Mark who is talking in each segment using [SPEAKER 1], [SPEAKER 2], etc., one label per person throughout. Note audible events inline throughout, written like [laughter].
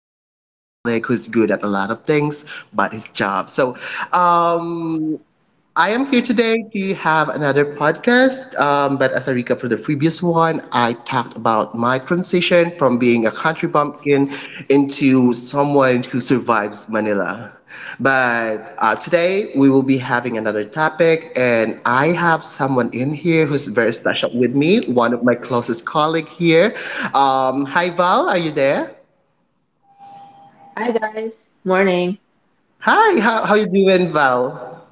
[SPEAKER 1] productive colleague who's good at a lot of things but his job.
[SPEAKER 2] Hi
[SPEAKER 1] Um, I am here today to have another podcast. But as a recap for the previous one, I talked about my transition from being a country bumpkin into someone who survives Manila. But today we will be having another topic, and I have someone in here who's very special with me, one of my closest colleague here. Hi, Val, are you there?
[SPEAKER 2] guys. Morning.
[SPEAKER 1] Hi, how you doing, Val?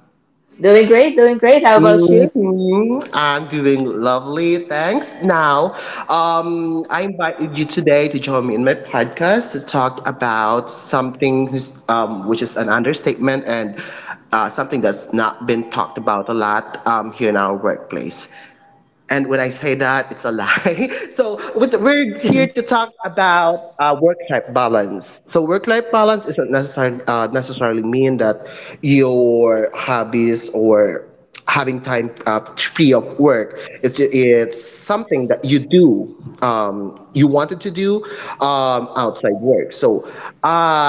[SPEAKER 2] Doing great, doing great. How about you?
[SPEAKER 1] Hmm, I'm doing lovely, thanks. Now, I invited you today to join me in my podcast to talk about something which is an understatement and something that's not been talked about a lot here in our workplace. And when I say that, it's a lie. [laughs] So we're here to
[SPEAKER 2] [laughs]
[SPEAKER 1] talk about work-life balance. So work-life balance isn't necessarily mean that your hobbies or having time free of work. It's something that you do you wanted to do outside work, so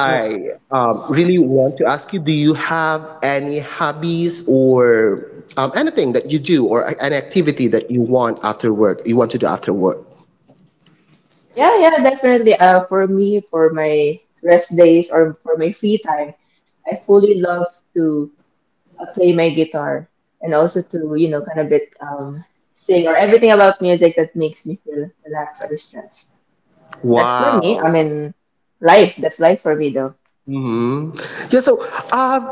[SPEAKER 2] Yeah.
[SPEAKER 1] um, really want to ask you, do you have any hobbies or anything that you do or an activity that you want after work you want to do after work?
[SPEAKER 2] Yeah, definitely. For me, for my rest days or for my free time, I fully love to play my guitar and also to, you know, kind of bit sing or everything about music that makes me feel relaxed or stressed. That's for me. I
[SPEAKER 1] Wow.
[SPEAKER 2] mean, life. That's life for me though.
[SPEAKER 1] Hmm. Yeah, so I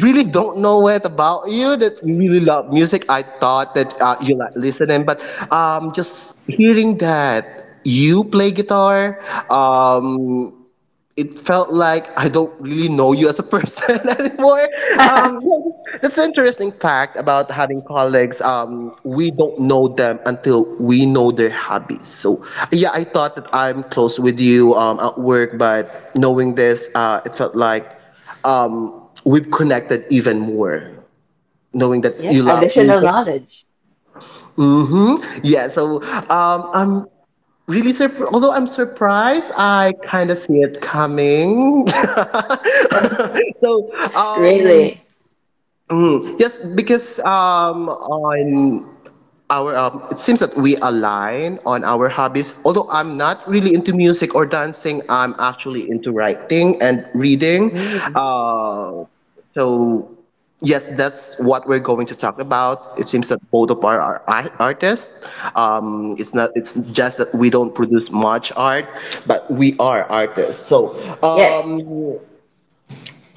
[SPEAKER 1] really don't know what about you that you really love music. I thought that you like listening, but just hearing that you play guitar, um, it felt like I don't really know you as a person [laughs] anymore.
[SPEAKER 2] [laughs]
[SPEAKER 1] Yeah, that's an interesting fact about having colleagues. We don't know them until we know their hobbies. So yeah, I thought that I'm close with you at work, but knowing this, it felt like we've connected even more. Knowing that
[SPEAKER 2] Yeah,
[SPEAKER 1] you love
[SPEAKER 2] additional
[SPEAKER 1] music.
[SPEAKER 2] knowledge.
[SPEAKER 1] Mm-hmm. Yeah, so I'm really surprised, although I'm surprised, I kind of see it coming. [laughs]
[SPEAKER 2] [laughs]
[SPEAKER 1] So, um,
[SPEAKER 2] Really?
[SPEAKER 1] yes, because on our it seems that we align on our hobbies, although I'm not really into music or dancing, I'm actually into writing and reading,
[SPEAKER 2] Mm,
[SPEAKER 1] uh, so yes, that's what we're going to talk about. It seems that both of our artists. It's not, it's just that we don't produce much art, but we are artists. so um,
[SPEAKER 2] yes.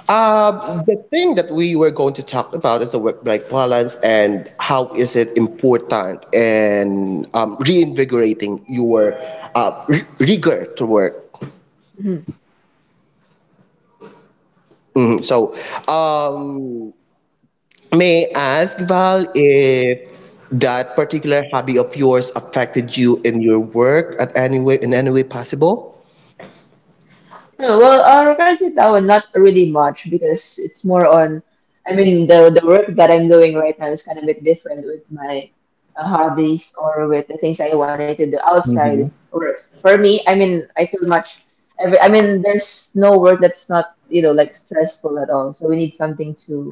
[SPEAKER 1] um, the thing that we were going to talk about is the work-life balance and how is it important, and reinvigorating your rigor to work.
[SPEAKER 2] Mhm.
[SPEAKER 1] Mhm. So, um, may I ask Val if that particular hobby of yours affected you in your work at any way in any way possible?
[SPEAKER 2] No, well, currently that not really much because it's more on. I mean, the work that I'm doing right now is kind of a bit different with my hobbies or with the things I wanted to do outside
[SPEAKER 1] Mhm.
[SPEAKER 2] work. For me, I mean, I feel much. Every, I mean, there's no work that's not you know like stressful at all. So we need something to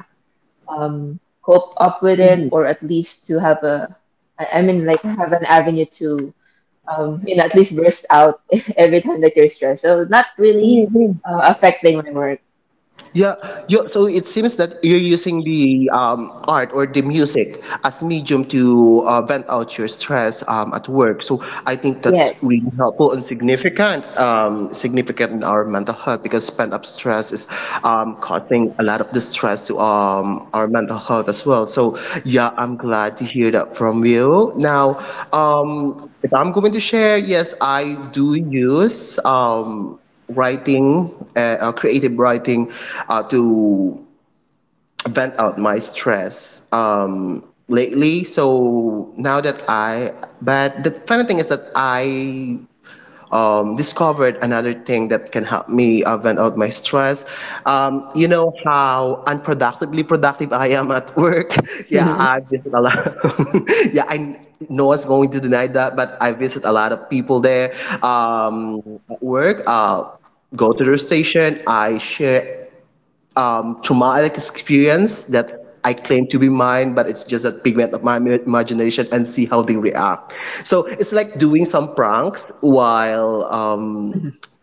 [SPEAKER 2] cope up with it, or at least to have a. I mean, like have an avenue to you know, at least burst out [laughs] every time that you're stressed. So not really affecting my work.
[SPEAKER 1] Yeah, you, so it seems that you're using the art or the music as medium to vent out your stress at work. So I think that's
[SPEAKER 2] Yes.
[SPEAKER 1] really helpful and significant, significant in our mental health, because pent up stress is causing a lot of distress to our mental health as well. So yeah, I'm glad to hear that from you. Now, if I'm going to share, yes, I do use. Writing, creative writing, to vent out my stress lately. But the funny thing is that I discovered another thing that can help me vent out my stress. You know how unproductively productive I am at work. [laughs] Yeah, I visit a lot. [laughs] yeah, I no one's going to deny that, but I visit a lot of people there at work. Go to their station. I share traumatic experience that I claim to be mine, but it's just a pigment of my imagination and see how they react. So it's like doing some pranks while
[SPEAKER 2] [laughs]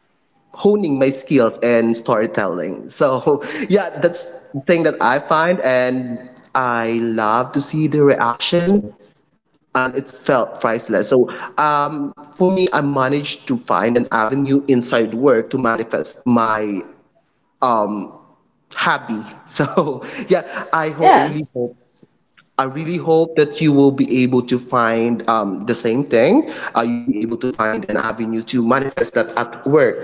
[SPEAKER 1] honing my skills and storytelling. So [laughs] yeah, that's the thing that I find, and I love to see the reaction. And it felt priceless. So, for me, I managed to find an avenue inside work to manifest my um, hobby. So [laughs] yeah,
[SPEAKER 2] Yeah.
[SPEAKER 1] I really hope that you will be able to find the same thing. You'll be able to find an avenue to manifest that at work.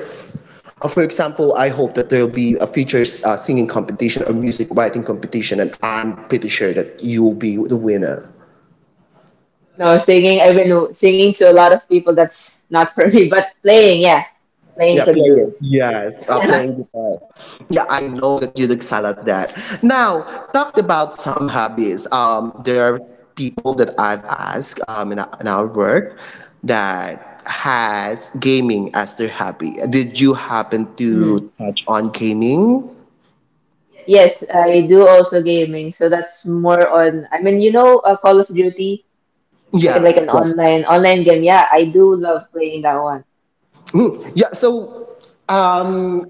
[SPEAKER 1] For example, I hope that there will be a future singing competition or music writing competition, and I'm pretty sure that you will be the winner.
[SPEAKER 2] No, singing, I've been singing to a lot of people. That's not for me, but playing, yeah, playing
[SPEAKER 1] Yeah,
[SPEAKER 2] can do.
[SPEAKER 1] playing. Yes,
[SPEAKER 2] [laughs]
[SPEAKER 1] playing guitar. Yeah, I know that you'd excel at that. Now, talked about some hobbies. There are people that I've asked in our work that has gaming as their hobby. Did you happen
[SPEAKER 2] Mm.
[SPEAKER 1] to touch on gaming?
[SPEAKER 2] Yes, I do also gaming. So that's more on, I mean, you know, Call of Duty, like
[SPEAKER 1] Yeah.
[SPEAKER 2] an online game. Yeah, I do love playing that one.
[SPEAKER 1] Mm, yeah, so um,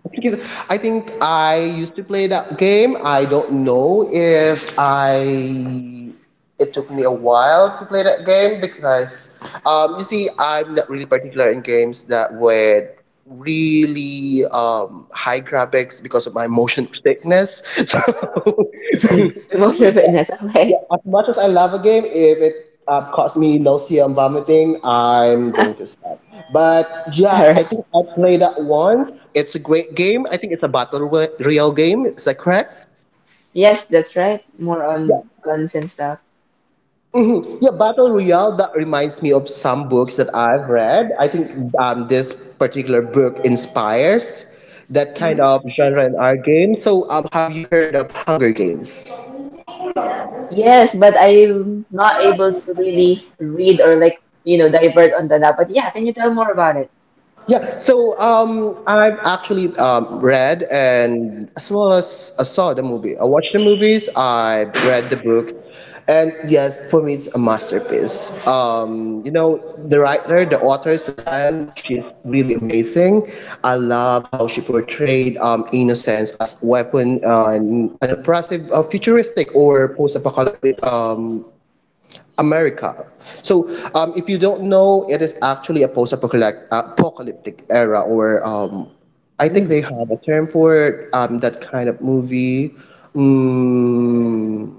[SPEAKER 1] I think I used to play that game. I don't know if I. It took me a while to play that game because, you see, I'm not really particular in games that were really high graphics because of my motion sickness. [laughs] So
[SPEAKER 2] [laughs]
[SPEAKER 1] yeah.
[SPEAKER 2] Emotional fitness,
[SPEAKER 1] Yeah,
[SPEAKER 2] okay.
[SPEAKER 1] as much as I love a game, if it caused me nausea and vomiting, I'm
[SPEAKER 2] [laughs] All
[SPEAKER 1] going to stop. But yeah, I
[SPEAKER 2] right.
[SPEAKER 1] think I played that once. It's a great game. I think it's a royale game. Is that correct?
[SPEAKER 2] Yes, that's right. More
[SPEAKER 1] Yeah,
[SPEAKER 2] on guns and stuff.
[SPEAKER 1] mhm. Yeah, battle royale. That reminds me of some books that I've read. I think this particular book inspires that kind of genre in our game. So, have you heard of Hunger Games?
[SPEAKER 2] Yes, but I'm not able to really read or like, you know, divert on that. But yeah, can you tell more about it?
[SPEAKER 1] Yeah, so I've actually read and as well as I saw the movie. I watched the movies, I read the book, and yes, for me it's a masterpiece. You know, the writer, the author, Suzanne, she's really amazing. I love how she portrayed innocence as weapon and an oppressive, futuristic or post-apocalyptic America. So, if you don't know, it is actually a post-apocalyptic apocalyptic era, or I think
[SPEAKER 2] Mm.
[SPEAKER 1] they have a term for it, that kind of movie. Mm,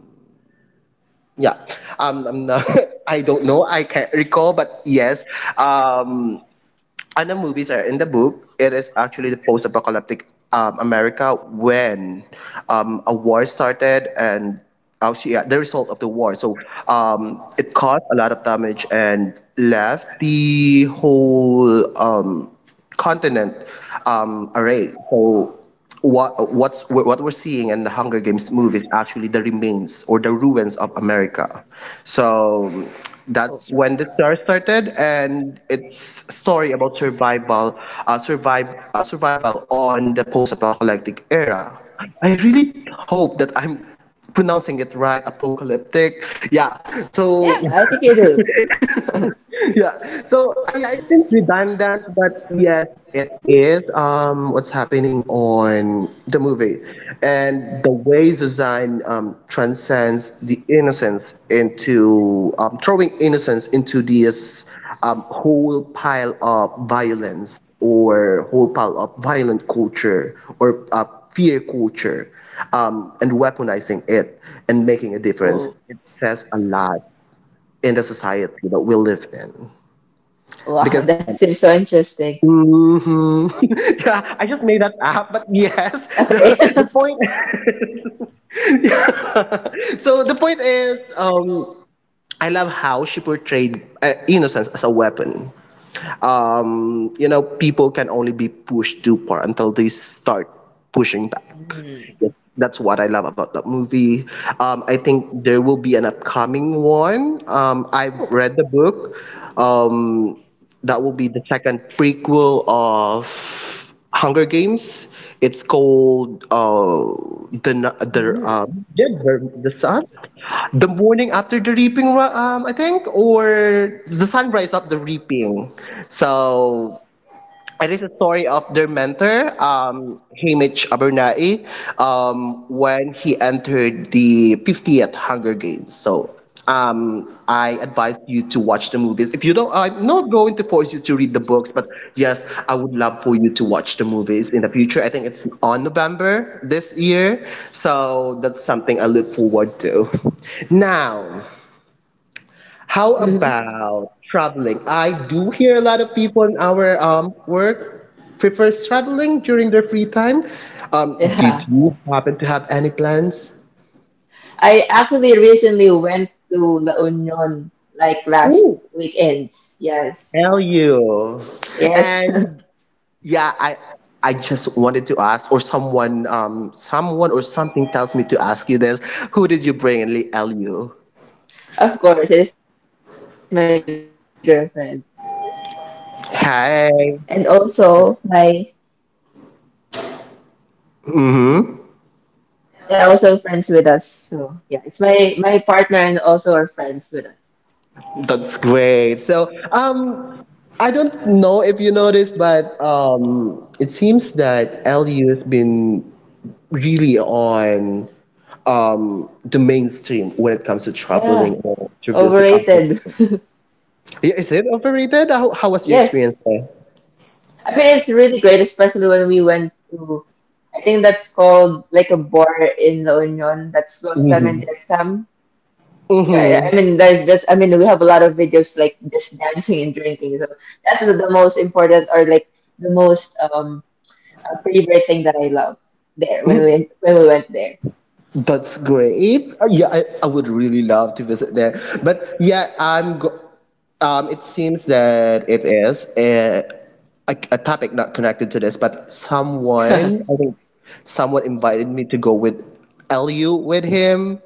[SPEAKER 1] yeah, I'm not, [laughs] I don't know. I can't recall, but yes. Um, and the movies are in the book. It is actually the post-apocalyptic America when a war started and actually yeah, the result of the war. So it caused a lot of damage and left the whole continent array. So what we're seeing in the Hunger Games movie is actually the remains or the ruins of America. So that's when the star started, and it's a story about survival, survival on the post-apocalyptic era. I really hope that I'm pronouncing it right, apocalyptic. Yeah. So
[SPEAKER 2] Yeah, I think you do.
[SPEAKER 1] yeah. So I think redundant, but yes, it is. What's happening on the movie, and the way Suzanne transcends the innocence into throwing innocence into this whole pile of violence or whole pile of violent culture or fear culture, and weaponizing it and making a difference.
[SPEAKER 2] Oh,
[SPEAKER 1] It says a lot in the society that we live in because
[SPEAKER 2] wow, [laughs] that seems so interesting.
[SPEAKER 1] Mhm. [laughs] yeah, I just made that up, but yes, [laughs] the
[SPEAKER 2] Okay.
[SPEAKER 1] the
[SPEAKER 2] [laughs]
[SPEAKER 1] point. [laughs] So the point is, I love how she portrayed innocence as a weapon. Um, you know, people can only be pushed too far until they start pushing back.
[SPEAKER 2] Mm.
[SPEAKER 1] Yes, that's what I love about that movie. I think there will be an upcoming one. I've
[SPEAKER 2] Oh.
[SPEAKER 1] read the book. Um, that will be the second prequel of Hunger Games. It's
[SPEAKER 2] Mm.
[SPEAKER 1] called the Nu- the yeah, the Sun. The morning after the reaping, I think, or the sunrise of the reaping. So it is a story of their mentor, Hamish Abernathy, when he entered the 50th Hunger Games. So I advise you to watch the movies. If you don't, I'm not going to force you to read the books, but yes, I would love for you to watch the movies in the future. I think it's on November this year, so that's something I look forward to. Now. How
[SPEAKER 2] Mhm.
[SPEAKER 1] about traveling? I do hear a lot of people in our work prefers traveling during their free time. Did
[SPEAKER 2] Yeah.
[SPEAKER 1] you happen to have any plans?
[SPEAKER 2] I actually recently went to La Union like last
[SPEAKER 1] Ooh,
[SPEAKER 2] weekends. Yes.
[SPEAKER 1] tell you.
[SPEAKER 2] Yes. [laughs]
[SPEAKER 1] And yeah, I just wanted to ask, or someone someone or something tells me to ask you this. Who did you bring in LU?
[SPEAKER 2] Of course, it is my girlfriend. And
[SPEAKER 1] Hi.
[SPEAKER 2] also my
[SPEAKER 1] Mm-hmm.
[SPEAKER 2] yeah, also friends with us. So yeah, it's my partner and also our friends with us.
[SPEAKER 1] That's great. So, I don't know if you noticed, but it seems that LU has been really on the mainstream when it comes to
[SPEAKER 2] Yeah,
[SPEAKER 1] traveling or to visit.
[SPEAKER 2] overrated. [laughs]
[SPEAKER 1] Yeah, is it overrated? How was your experience
[SPEAKER 2] Yes.
[SPEAKER 1] there?
[SPEAKER 2] I mean, it's really great, especially when we went to, I think that's called like a bar in La Union. That's Flotsam and
[SPEAKER 1] Mm-hmm.
[SPEAKER 2] Jetsam. Yeah, I
[SPEAKER 1] Mm-hmm.
[SPEAKER 2] mean, there's this, I mean, we have a lot of videos like just dancing and drinking. So that's the most important or like the most favorite thing that I love there when we went there.
[SPEAKER 1] That's great. Yeah, I would really love to visit there. But yeah, I'm go it seems that it is a topic not connected to this, but someone,
[SPEAKER 2] [laughs]
[SPEAKER 1] I think someone invited me to go with LU with him.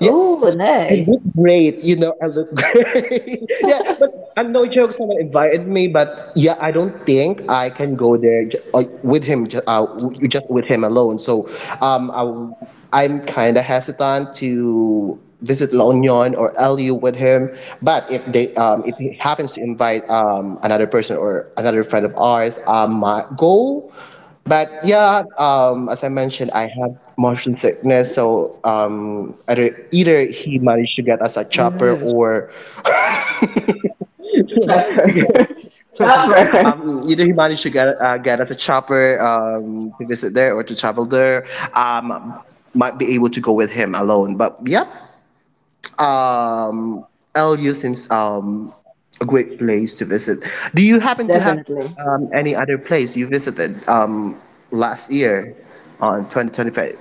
[SPEAKER 1] Yeah, I look
[SPEAKER 2] nice.
[SPEAKER 1] great, I look [laughs] great. Yeah, but I'm no joke, someone invited me, but yeah, I don't think I can go there with him, just with him alone. So um, I am kind of hesitant to visit La Union or LU with him. But if he happens to invite another person or another friend of ours, I might go. But yeah, as I mentioned, I had motion sickness, so either he
[SPEAKER 2] Mm,
[SPEAKER 1] managed to get us a chopper or
[SPEAKER 2] Trevor. [laughs] Trevor.
[SPEAKER 1] [laughs] either he managed to get us a chopper to visit there or to travel there. Um, might be able to go with him alone, but yeah, um, LU seems a great place to visit. Do you happen to have
[SPEAKER 2] Definitely.
[SPEAKER 1] any other place you visited last year on 2025?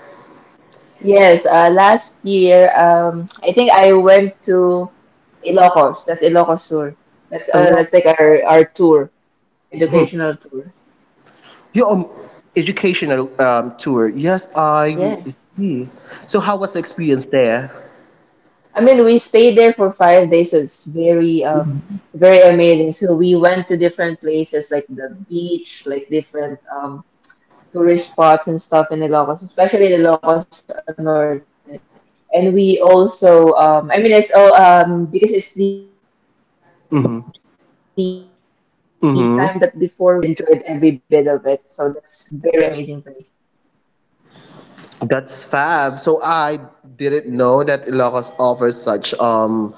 [SPEAKER 2] Yes, last year, I think I went to Ilocos. That's Ilocos tour.
[SPEAKER 1] A lot.
[SPEAKER 2] That's like our tour,
[SPEAKER 1] Hmm.
[SPEAKER 2] educational tour.
[SPEAKER 1] Your educational tour. Yes, I
[SPEAKER 2] Yes.
[SPEAKER 1] see. So how was the experience there?
[SPEAKER 2] I mean, we stayed there for 5 days, so it's very very amazing. So we went to different places like the beach, like different tourist spots and stuff in Ilocos, especially Ilocos Norte. And we also, I mean, it's all, because it's the time that before we
[SPEAKER 1] Hmm.
[SPEAKER 2] graduate, so it's more on like we
[SPEAKER 1] Hmm.
[SPEAKER 2] did enjoyed every bit of it. So that's very amazing place.
[SPEAKER 1] That's fab. So I didn't know that Ilocos offers such um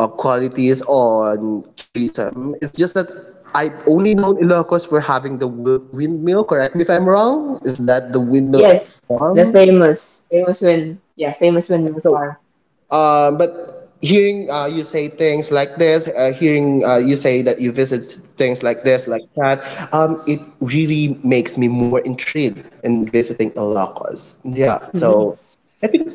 [SPEAKER 1] uh, qualities on tourism. It's just that I've only known Ilocos for having the windmill. Correct me if I'm wrong. Is that the windmill
[SPEAKER 2] Yes, the
[SPEAKER 1] farm?
[SPEAKER 2] famous, famous when, yeah, famous when we
[SPEAKER 1] So
[SPEAKER 2] far.
[SPEAKER 1] but hearing you say things like this, hearing you say that you visit things like this, like that, it really makes me more intrigued in visiting Ilocos. Yeah, so
[SPEAKER 2] Mhm.
[SPEAKER 1] I think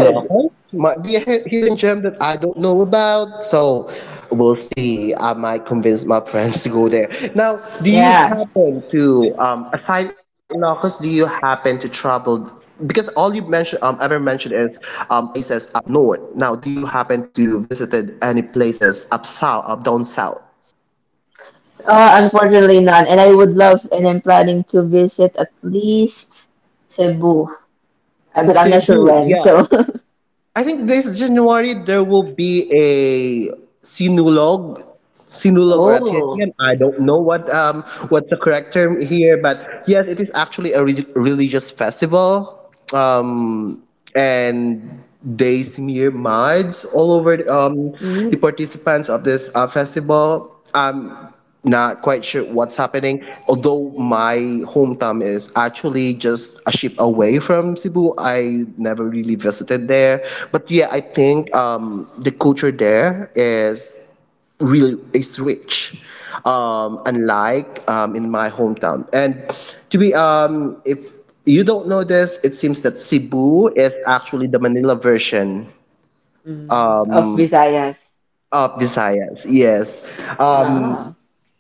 [SPEAKER 2] You should.
[SPEAKER 1] might be a hidden gem that I don't know about. So we'll see. I might convince my friends to go there. Now, do you
[SPEAKER 2] Yeah.
[SPEAKER 1] happen to, aside Ilocos, do you happen to travel because all you mentioned ever mentioned is places up north. Now, do you happen to visited any places up south, up down south?
[SPEAKER 2] Unfortunately none. And I would love, and I'm planning to visit at least Cebu. But I'm not sure
[SPEAKER 1] Cebu,
[SPEAKER 2] when.
[SPEAKER 1] yeah.
[SPEAKER 2] So.
[SPEAKER 1] I think this January there will be a sinulog,
[SPEAKER 2] [laughs]
[SPEAKER 1] sinulog or a
[SPEAKER 2] Oh.
[SPEAKER 1] titian. I don't know what's the correct term here, but yes, it is actually a religious festival. Um, and they smear
[SPEAKER 2] Mm,
[SPEAKER 1] muds all over the participants of this festival. Not quite sure what's happening. Although my hometown is actually just a ship away from Cebu, I never really visited there. But yeah, I think the culture there is really is rich, unlike in my hometown. And to be if you don't know this, it seems that Cebu is actually the Manila version um,
[SPEAKER 2] mm, of
[SPEAKER 1] of
[SPEAKER 2] Visayas.
[SPEAKER 1] Visayas. Yes, um,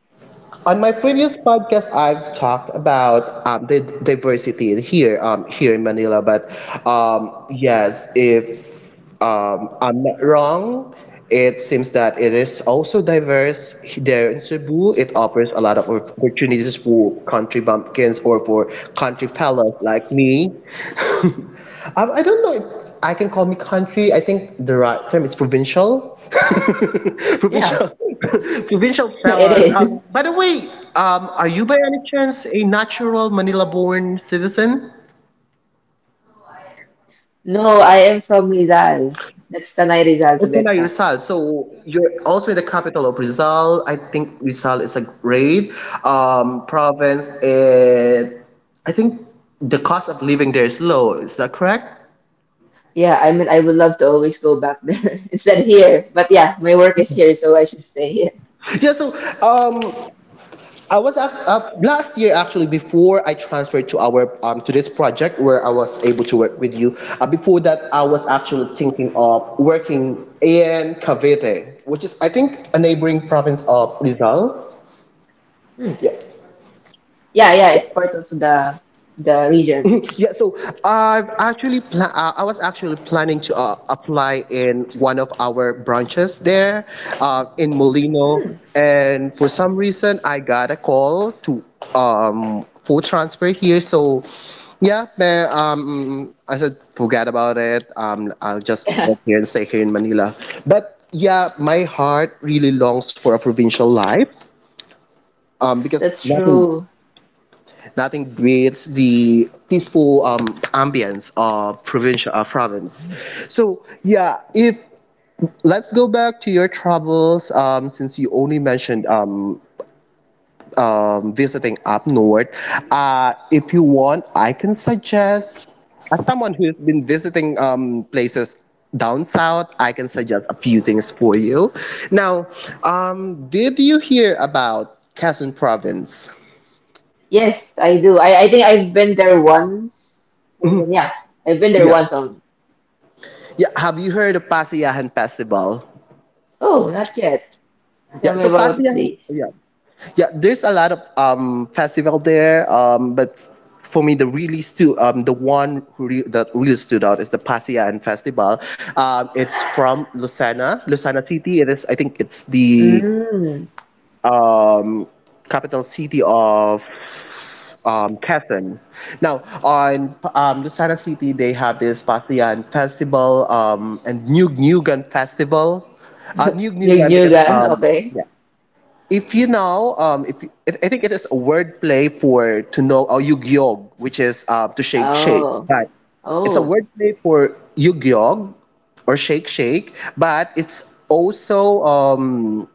[SPEAKER 2] Ah,
[SPEAKER 1] on my previous podcast, I've talked about the diversity here, here in Manila. But yes, if I'm not wrong, it seems that it is also diverse there in Cebu. It offers a lot of opportunities for country bumpkins or for country fellas like me. [laughs] I don't know if I can call me country. I think the right term is provincial. [laughs] Provincial. [laughs]
[SPEAKER 2] yeah,
[SPEAKER 1] Provincial
[SPEAKER 2] [laughs] it
[SPEAKER 1] fellas.
[SPEAKER 2] is.
[SPEAKER 1] By the way, are you by any chance a natural Manila-born citizen?
[SPEAKER 2] No, I am from Rizal. That's Tanay Rizal
[SPEAKER 1] Okay,
[SPEAKER 2] to be
[SPEAKER 1] now
[SPEAKER 2] exact.
[SPEAKER 1] Rizal. So you're also in the capital of Rizal. I think Rizal is a great province, and I think the cost of living there is low. Is that correct?
[SPEAKER 2] Yeah, I mean, I would love to always go back there [laughs] instead here. But yeah, my work is here, so I should stay here.
[SPEAKER 1] Yeah. So um, I was last year actually before I transferred to our to this project where I was able to work with you. Before that, I was actually thinking of working in Cavite, which is I think a neighboring province of
[SPEAKER 2] Hmm.
[SPEAKER 1] Rizal. Yeah.
[SPEAKER 2] Yeah, it's part of the region.
[SPEAKER 1] [laughs] Mhm. Yeah, so I've actually I was actually planning to apply in one of our branches there in
[SPEAKER 2] Hmm. [laughs]
[SPEAKER 1] Molino, and for some reason I got a call to for transfer here. So yeah, man, I said forget about it. I'll
[SPEAKER 2] Yeah,
[SPEAKER 1] just work here and stay here in Manila. But yeah, my heart really longs for a provincial life. Um, because
[SPEAKER 2] that's
[SPEAKER 1] nothing
[SPEAKER 2] true.
[SPEAKER 1] Nothing beats the peaceful ambience of provincial province. So yeah, if let's go back to your travels, since you only mentioned visiting up north. If you want, I can suggest as someone who's been visiting places down south, I can suggest a few things for you. Now, did you hear about Quezon Province?
[SPEAKER 2] Yes, I do. I think I've been there once. Yeah, I've been there
[SPEAKER 1] Yeah.
[SPEAKER 2] once only.
[SPEAKER 1] Yeah, have you heard of Pasiyahan Festival?
[SPEAKER 2] Oh, not yet.
[SPEAKER 1] Yeah,
[SPEAKER 2] Tell me
[SPEAKER 1] so
[SPEAKER 2] about it,
[SPEAKER 1] Pasiyahan,
[SPEAKER 2] please.
[SPEAKER 1] yeah. There's a lot of festival there. But for me, the really stu- the one who re- that really stood out is the Pasiyahan Festival. It's from Lucena City. It is, I think, it's the
[SPEAKER 2] Mm.
[SPEAKER 1] um, capital city of Quezon. Now, on Lucena City, they have this Pasian Festival and New Nugan Festival. New
[SPEAKER 2] New
[SPEAKER 1] Nugan
[SPEAKER 2] New
[SPEAKER 1] because
[SPEAKER 2] Garden, okay.
[SPEAKER 1] yeah. If you know, if, you- I think it is a word play for to know or Yugyog, which is to shake shake.
[SPEAKER 2] Oh,
[SPEAKER 1] Right. It's a
[SPEAKER 2] oh,
[SPEAKER 1] word play for Yugyog or shake shake, but it's also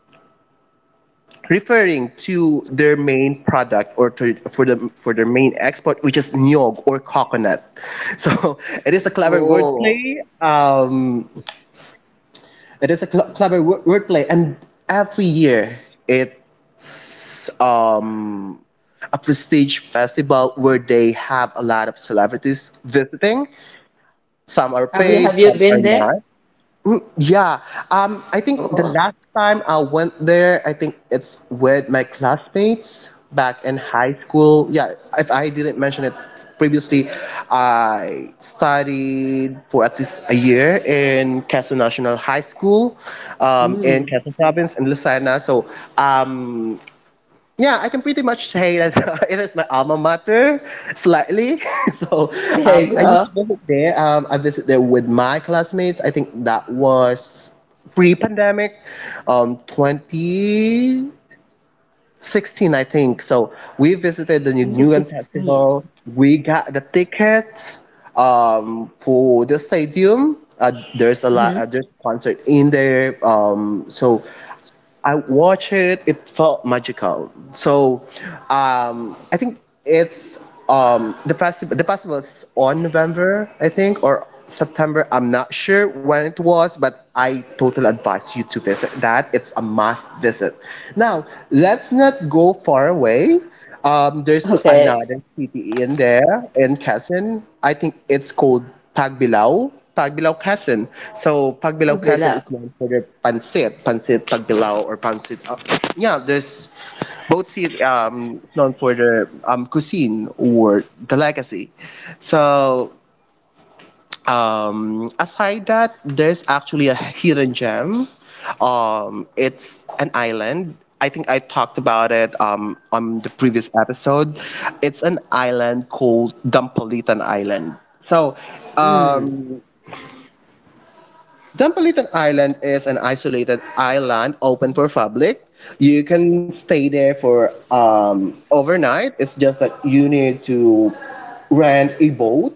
[SPEAKER 1] referring to their main product or to, for their main export, which is nyog or coconut. So [laughs] it is a clever
[SPEAKER 2] oh.
[SPEAKER 1] wordplay. Um, it is a clever wordplay, and every year it's um, a prestige festival where they have a lot of celebrities visiting. Some are paid,
[SPEAKER 2] Have you
[SPEAKER 1] some are
[SPEAKER 2] been there?
[SPEAKER 1] not. Mm, yeah, I think
[SPEAKER 2] Oh,
[SPEAKER 1] the last time I went there, I think it's with my classmates back in high school. Yeah, if I didn't mention it previously, I studied for at least a year in Quezon National High School, in
[SPEAKER 2] mm.
[SPEAKER 1] Quezon Province in Lucena. So, um, yeah, I can pretty much say that [laughs] it is my alma mater, slightly. [laughs] So
[SPEAKER 2] There you
[SPEAKER 1] I used
[SPEAKER 2] go.
[SPEAKER 1] to visit there. I visit there with my classmates. I think that was pre-pandemic, 2016, I think. So we visited the
[SPEAKER 2] Number
[SPEAKER 1] Nugan
[SPEAKER 2] 16.
[SPEAKER 1] Festival. We got the tickets for the stadium. There's a
[SPEAKER 2] Mm-hmm.
[SPEAKER 1] lot. There's concert in there. So I watched it. It felt magical. So, I think it's the festival. The festival is on November, I think, or September. I'm not sure when it was, but I totally advise you to visit that. It's a must visit. Now, let's not go far away. There's
[SPEAKER 2] Okay.
[SPEAKER 1] another city in there in Quezon. I think it's called Pagbilao Quezon. So
[SPEAKER 2] Oh,
[SPEAKER 1] Pagbilao
[SPEAKER 2] below.
[SPEAKER 1] Quezon is known for their pancit Pagbilao or pancit. Yeah, there's both city is known for their cuisine or the legacy. So aside that, there's actually a hidden gem. It's an island. I think I talked about it on the previous episode. It's an island called Dampalitan Island. So,
[SPEAKER 2] Mm.
[SPEAKER 1] um, Dampalitan Island is an isolated island open for public. You can stay there for overnight. It's just that you need to rent a boat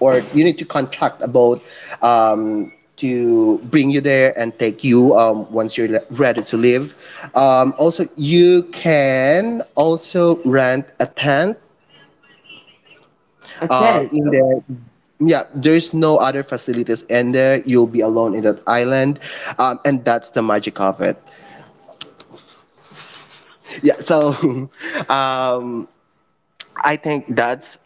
[SPEAKER 1] or you need to contract a boat um, to bring you there and take you once you're ready to leave. Also, you can also rent a tent
[SPEAKER 2] A tent.
[SPEAKER 1] in
[SPEAKER 2] Oh,
[SPEAKER 1] there, yeah, there's no other facilities in there. You'll be alone in that island, and that's the magic of it. Yeah, so [laughs] um, I think that's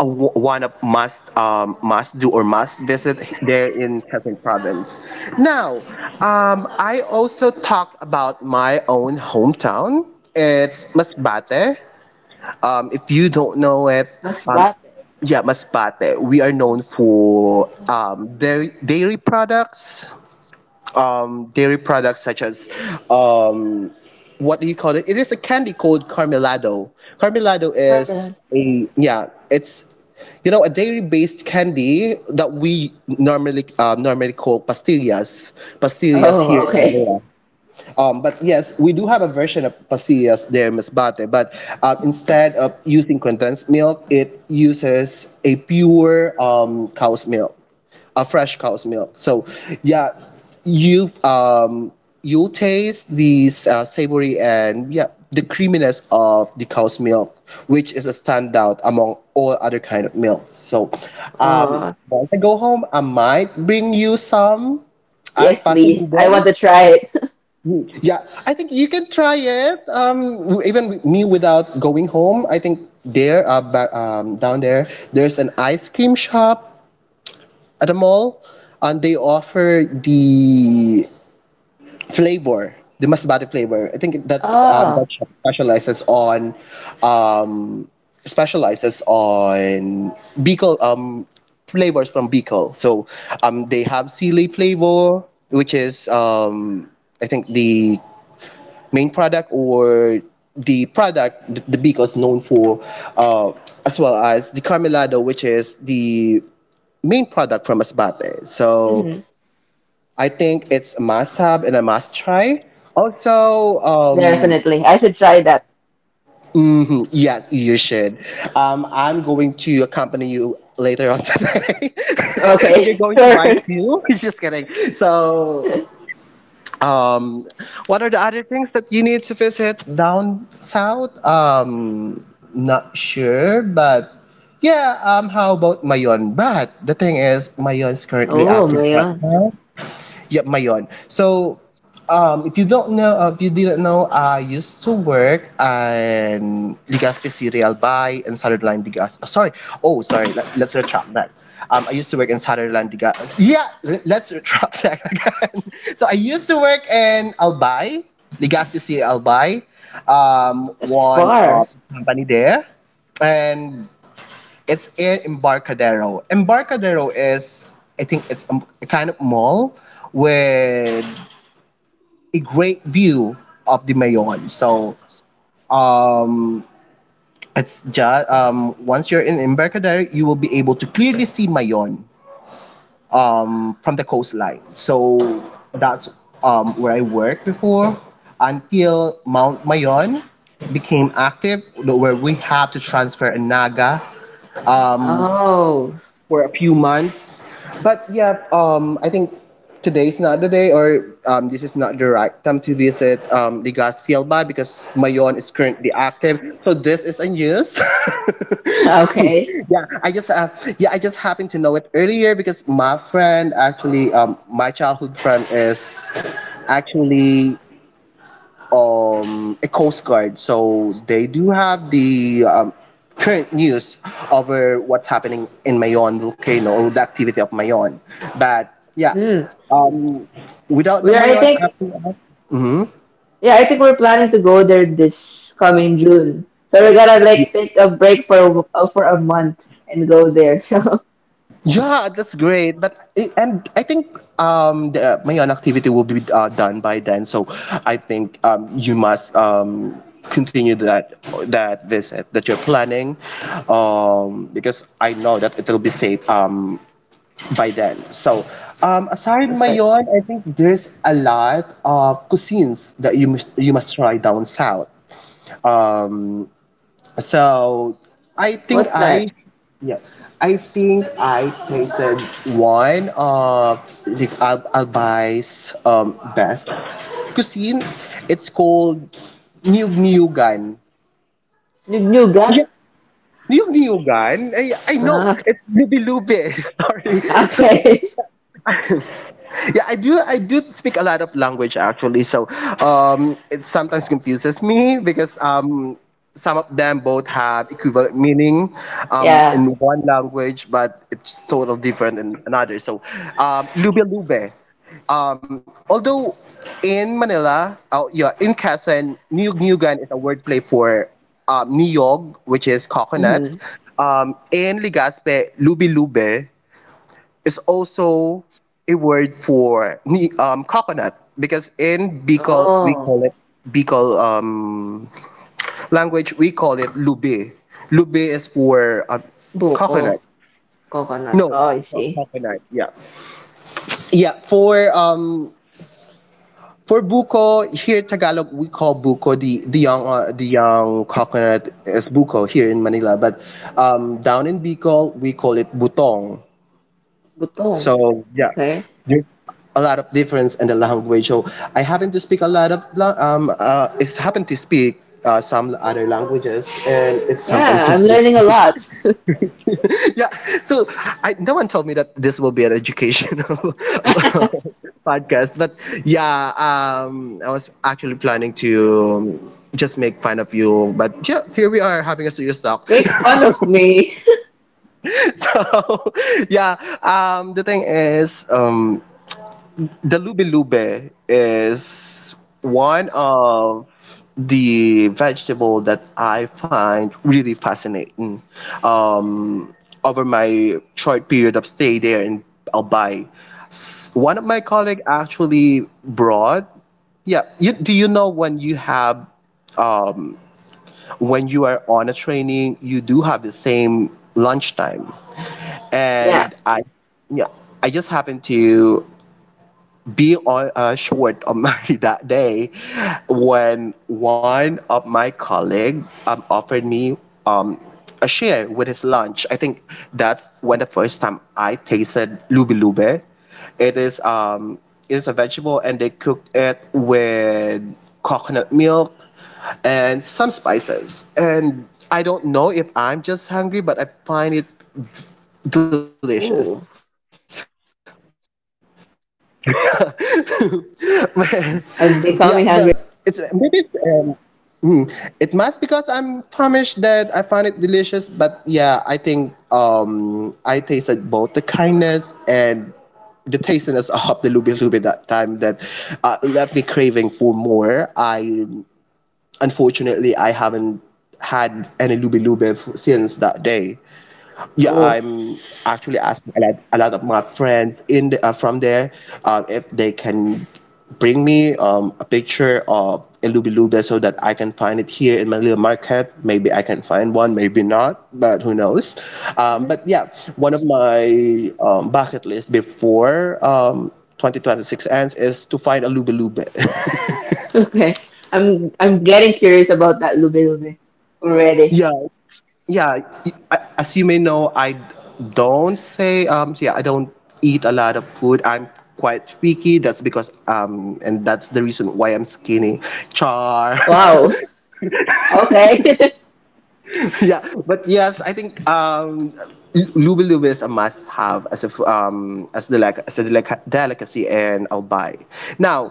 [SPEAKER 1] one of must do or must visit there in Quezon Province. Now, I also talked about my own hometown. It's Masbate. If you don't know it,
[SPEAKER 2] masbate.
[SPEAKER 1] um, yeah, Masbate. We are known for dairy products such as um, what do you call it? It is a candy called Carmelado. Carmelado
[SPEAKER 2] Permanent.
[SPEAKER 1] is a yeah, it's you know a dairy-based candy that we normally call pastillas
[SPEAKER 2] Oh,
[SPEAKER 1] here in
[SPEAKER 2] okay.
[SPEAKER 1] Manila. But yes, we do have a version of pasillas there, Miss Bate, but instead of using condensed milk, it uses a pure cow's milk, a fresh cow's milk. So, yeah, you um, you taste these savory and yeah the creaminess of the cow's milk, which is a standout among all other kind of milks. So,
[SPEAKER 2] Oh,
[SPEAKER 1] once I go home, I might bring you some as
[SPEAKER 2] yes, please. I want
[SPEAKER 1] pasillo.
[SPEAKER 2] to try it. [laughs]
[SPEAKER 1] Yeah, I think you can try it. Even with me without going home, I think there, down there, there's an ice cream shop at a mall, and they offer the flavor, the masbate flavor. I think that's that
[SPEAKER 2] Oh,
[SPEAKER 1] shop specializes on, um, specializes on Bicol flavors from Bicol. So, they have sili flavor, which is I think the main product or the product the Bico is known for, uh, as well as the Carmelado, which is the main product from Masbate. So
[SPEAKER 2] mm-hmm.
[SPEAKER 1] I think it's a must have and a must try. Also,
[SPEAKER 2] Definitely. I should try that.
[SPEAKER 1] mhm, yeah, you should. I'm going to accompany you later on today. [laughs] And you're
[SPEAKER 2] Okay, [laughs]
[SPEAKER 1] going to
[SPEAKER 2] sure.
[SPEAKER 1] buy two? [laughs] Just kidding. So
[SPEAKER 2] [laughs]
[SPEAKER 1] Um, what are the other things that you need to visit down south? Not sure, but yeah. How about Mayon? But the thing is, Mayon is currently
[SPEAKER 2] Oh,
[SPEAKER 1] active
[SPEAKER 2] my
[SPEAKER 1] right
[SPEAKER 2] God.
[SPEAKER 1] now. Yep, Mayon. So, if you don't know, if you didn't know, I used to work in Legazpi Cereal Buy and Saturday Line. Oh, sorry. Oh, sorry. Let's retract that. I used to work in Saturday Line. Yeah, let's retract that [laughs] again. So I used to work in Albay, Legazpi Cereal Albay,
[SPEAKER 2] That's
[SPEAKER 1] one
[SPEAKER 2] far.
[SPEAKER 1] company there, and it's in Embarcadero. Embarcadero is, I think, it's a kind of mall with a great view of the Mayon. So, um, it's just once you're in Embarcadero, you will be able to clearly see Mayon from the coastline. So that's where I worked before until Mount Mayon became active, where we have to transfer a Naga. Um,
[SPEAKER 2] Oh,
[SPEAKER 1] for a few months. But yeah, I think today's not the day, or this is not the right time to visit Legazpi Albay because Mayon is currently active. So this is a news.
[SPEAKER 2] [laughs] okay.
[SPEAKER 1] [laughs] Yeah, I just yeah, I just happened to know it earlier because my friend actually, my childhood friend is actually a coast guard, so they do have the current news over what's happening in Mayon volcano or the activity of Mayon. But yeah,
[SPEAKER 2] Mm.
[SPEAKER 1] um, without the
[SPEAKER 2] We are, I
[SPEAKER 1] Mayon
[SPEAKER 2] think,
[SPEAKER 1] activity, mhm,
[SPEAKER 2] yeah, I think we're planning to go there this coming June. So we're gonna like take a break for a month and go there. [laughs] So
[SPEAKER 1] yeah, that's great. But and I think the Mayon activity will be done by then, so I think you must continue that visit that you're planning because I know that it'll be safe by then. So, aside
[SPEAKER 2] perfect.
[SPEAKER 1] Mayon, I think there's a lot of cuisines that you must try down south. Um, so I think
[SPEAKER 2] What time?
[SPEAKER 1] I yeah, I think I tasted one of the Al Albay's best cuisine. It's called Niyug-niyugan.
[SPEAKER 2] New, new
[SPEAKER 1] Yeah,
[SPEAKER 2] gun?
[SPEAKER 1] Niyug-niyugan. I know.
[SPEAKER 2] Ah,
[SPEAKER 1] It's lubi-lubi. [laughs] Sorry. So
[SPEAKER 2] okay. [laughs]
[SPEAKER 1] yeah, I do speak a lot of language actually, so it sometimes confuses me because some of them both have equivalent meaning
[SPEAKER 2] Yeah.
[SPEAKER 1] in one language, but it's totally different in another. So, lube lube. Although in Manila, oh yeah, in Quezon, niyog niyogan is a wordplay for niyog, which is
[SPEAKER 2] Mm-hmm.
[SPEAKER 1] coconut. In Ligaspe, lubi lube, is also a word for coconut, because in Bicol we
[SPEAKER 2] Oh,
[SPEAKER 1] call it Bicol language, we call it lube. Lube is for
[SPEAKER 2] buko,
[SPEAKER 1] coconut.
[SPEAKER 2] coconut.
[SPEAKER 1] No,
[SPEAKER 2] Oh, I see.
[SPEAKER 1] coconut. Yeah, yeah. For buko here Tagalog, we call buko the young, the young coconut is buko here in Manila, but down in Bicol we call it butong.
[SPEAKER 2] Butong.
[SPEAKER 1] So
[SPEAKER 2] Okay.
[SPEAKER 1] a lot of difference in the language. So I happen to speak a lot of it's happen to speak some other languages and it's sometimes
[SPEAKER 2] Yeah, I'm learning a
[SPEAKER 1] confusing.
[SPEAKER 2] lot.
[SPEAKER 1] [laughs] Yeah. So I, no one told me that this will be an educational
[SPEAKER 2] [laughs]
[SPEAKER 1] [laughs] podcast, but yeah, I was actually planning to um, just make fun of you, but yeah, here we are having a serious talk.
[SPEAKER 2] Make fun
[SPEAKER 1] [laughs]
[SPEAKER 2] of me.
[SPEAKER 1] So [laughs] yeah, the thing is the lube lube is one of the vegetable that I find really fascinating. Um, Over my short period of stay there in Albay, one of my colleague actually brought. Yeah, you, do you know when you have, um, when you are on a training, you do have the same lunchtime,
[SPEAKER 2] [laughs] Yeah.
[SPEAKER 1] and I, yeah, I just happened to be on a short of money [laughs] that day when one of my colleague offered me um, a share with his lunch. I think that's when the first time I tasted lubi lube. It is um, it is a vegetable and they cooked it with coconut milk and some spices. And I don't
[SPEAKER 2] Oh,
[SPEAKER 1] know if I'm just hungry, but I find it delicious.
[SPEAKER 2] I'm becoming
[SPEAKER 1] [laughs]
[SPEAKER 2] hungry as well. [laughs]
[SPEAKER 1] Yeah, but it's maybe it's, mm, it must because I'm famished that I find it delicious. But yeah, I think I tasted both the kindness and the tastiness [laughs] of the lubi lubi that time that left me craving for more. I unfortunately I haven't had any lubi lubi since that day. Yeah, I'm
[SPEAKER 2] So,
[SPEAKER 1] actually
[SPEAKER 2] oh.
[SPEAKER 1] asking a lot of my friends in the, from there, if they can bring me a picture of a Lubi Luba so that I can find it here in my little market. Maybe I can find one, maybe not, but who knows. But yeah, one of my bucket list before 2026 ends is to find a Lubi Luba.
[SPEAKER 2] [laughs] Okay. I'm getting curious about that Lube Lube
[SPEAKER 1] [laughs]
[SPEAKER 2] already.
[SPEAKER 1] Yeah, yeah, as you may know, I don't say I don't eat a lot of food. I'm quite picky. That's because and that's the reason why I'm skinny. Char. [laughs]
[SPEAKER 2] Wow. Okay. [laughs]
[SPEAKER 1] [laughs] Yeah, but yes, I think Luby Luby is a must-have as if as the like as a delicacy, and I'll buy. Now,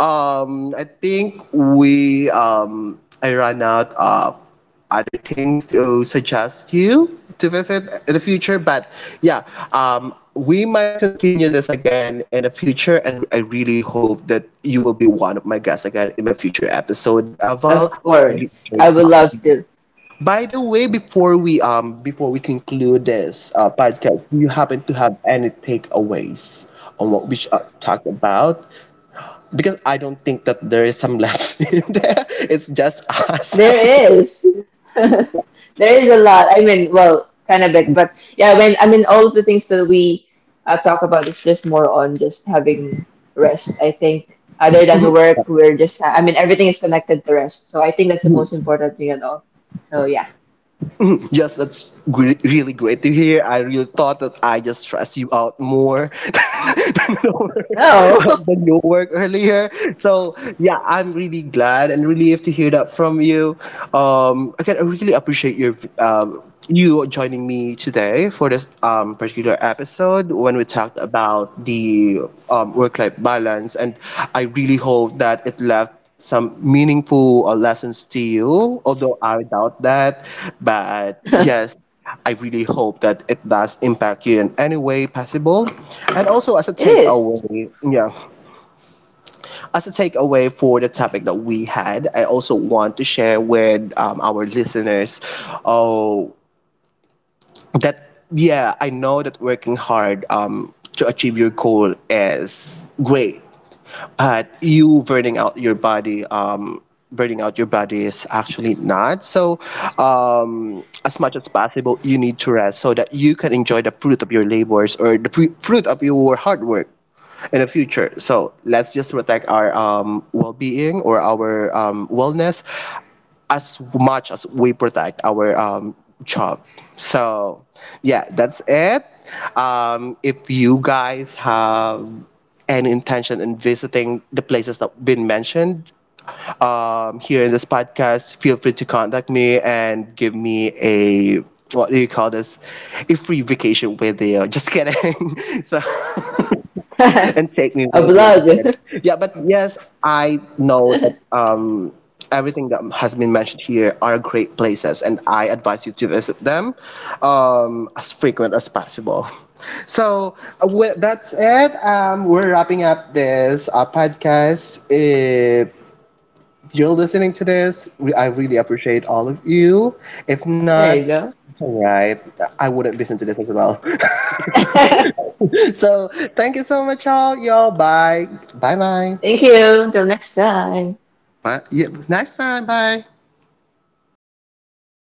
[SPEAKER 1] I think we I ran out of other things to suggest you to visit in the future, but yeah, we might continue this again in the future, and I really hope that you will be one of my guests again in my future episode, Aval.
[SPEAKER 2] Of course. I would love to.
[SPEAKER 1] By the way, before we conclude this podcast, do you happen to have any takeaways on what we talked about? Because I don't think that there is some lesson [laughs] in there. It's just us. [laughs]
[SPEAKER 2] There is. [laughs] There is a lot. I mean, well, kind of big, but yeah, when I mean all of the things that we talk about is just more on just having rest. I think other than work, we're just I mean everything is connected to rest. So I think that's the most important thing at all. So yeah.
[SPEAKER 1] Just that's really great to hear. I really thought that I just stressed you out more [laughs] than your
[SPEAKER 2] No.
[SPEAKER 1] than your work earlier. So yeah, I'm really glad and relieved to hear that from you. Again, I really appreciate your you joining me today for this particular episode when we talked about the work-life balance, and I really hope that it left some meaningful lessons to you, although I doubt that, but
[SPEAKER 2] [laughs]
[SPEAKER 1] yes, I really hope that it does impact you in any way possible, and also as a
[SPEAKER 2] It is.
[SPEAKER 1] takeaway, yeah, as a takeaway for the topic that we had, I also want to share with our listeners, oh, that yeah, I know that working hard to achieve your goal is great, but you burning out your body, is actually not so, as much as possible you need to rest so that you can enjoy the fruit of your labors or the fruit of your hard work in the future. So let's just protect our well-being or our wellness as much as we protect our job. So, yeah, that's it. If you guys have any intention in visiting the places that have been mentioned here in this podcast, feel free to contact me and give me a, what do you call this? A free vacation with you. Just kidding. [laughs] So
[SPEAKER 2] [laughs]
[SPEAKER 1] [laughs]
[SPEAKER 2] A blog.
[SPEAKER 1] and take
[SPEAKER 2] [laughs]
[SPEAKER 1] me with you. Just kidding. Yeah, but yes, I know that everything that has been mentioned here are great places, and I advise you to visit them as frequent as possible. So well, that's it. We're wrapping up this podcast. If you're listening to this, I really appreciate all of you. If
[SPEAKER 2] There you
[SPEAKER 1] not,
[SPEAKER 2] go.
[SPEAKER 1] it's all right. I wouldn't listen to this as well.
[SPEAKER 2] [laughs] Thank
[SPEAKER 1] [laughs] So thank you so much, all. Y'all, bye. Bye bye.
[SPEAKER 2] you. Until next time.
[SPEAKER 1] But yeah, next time, bye.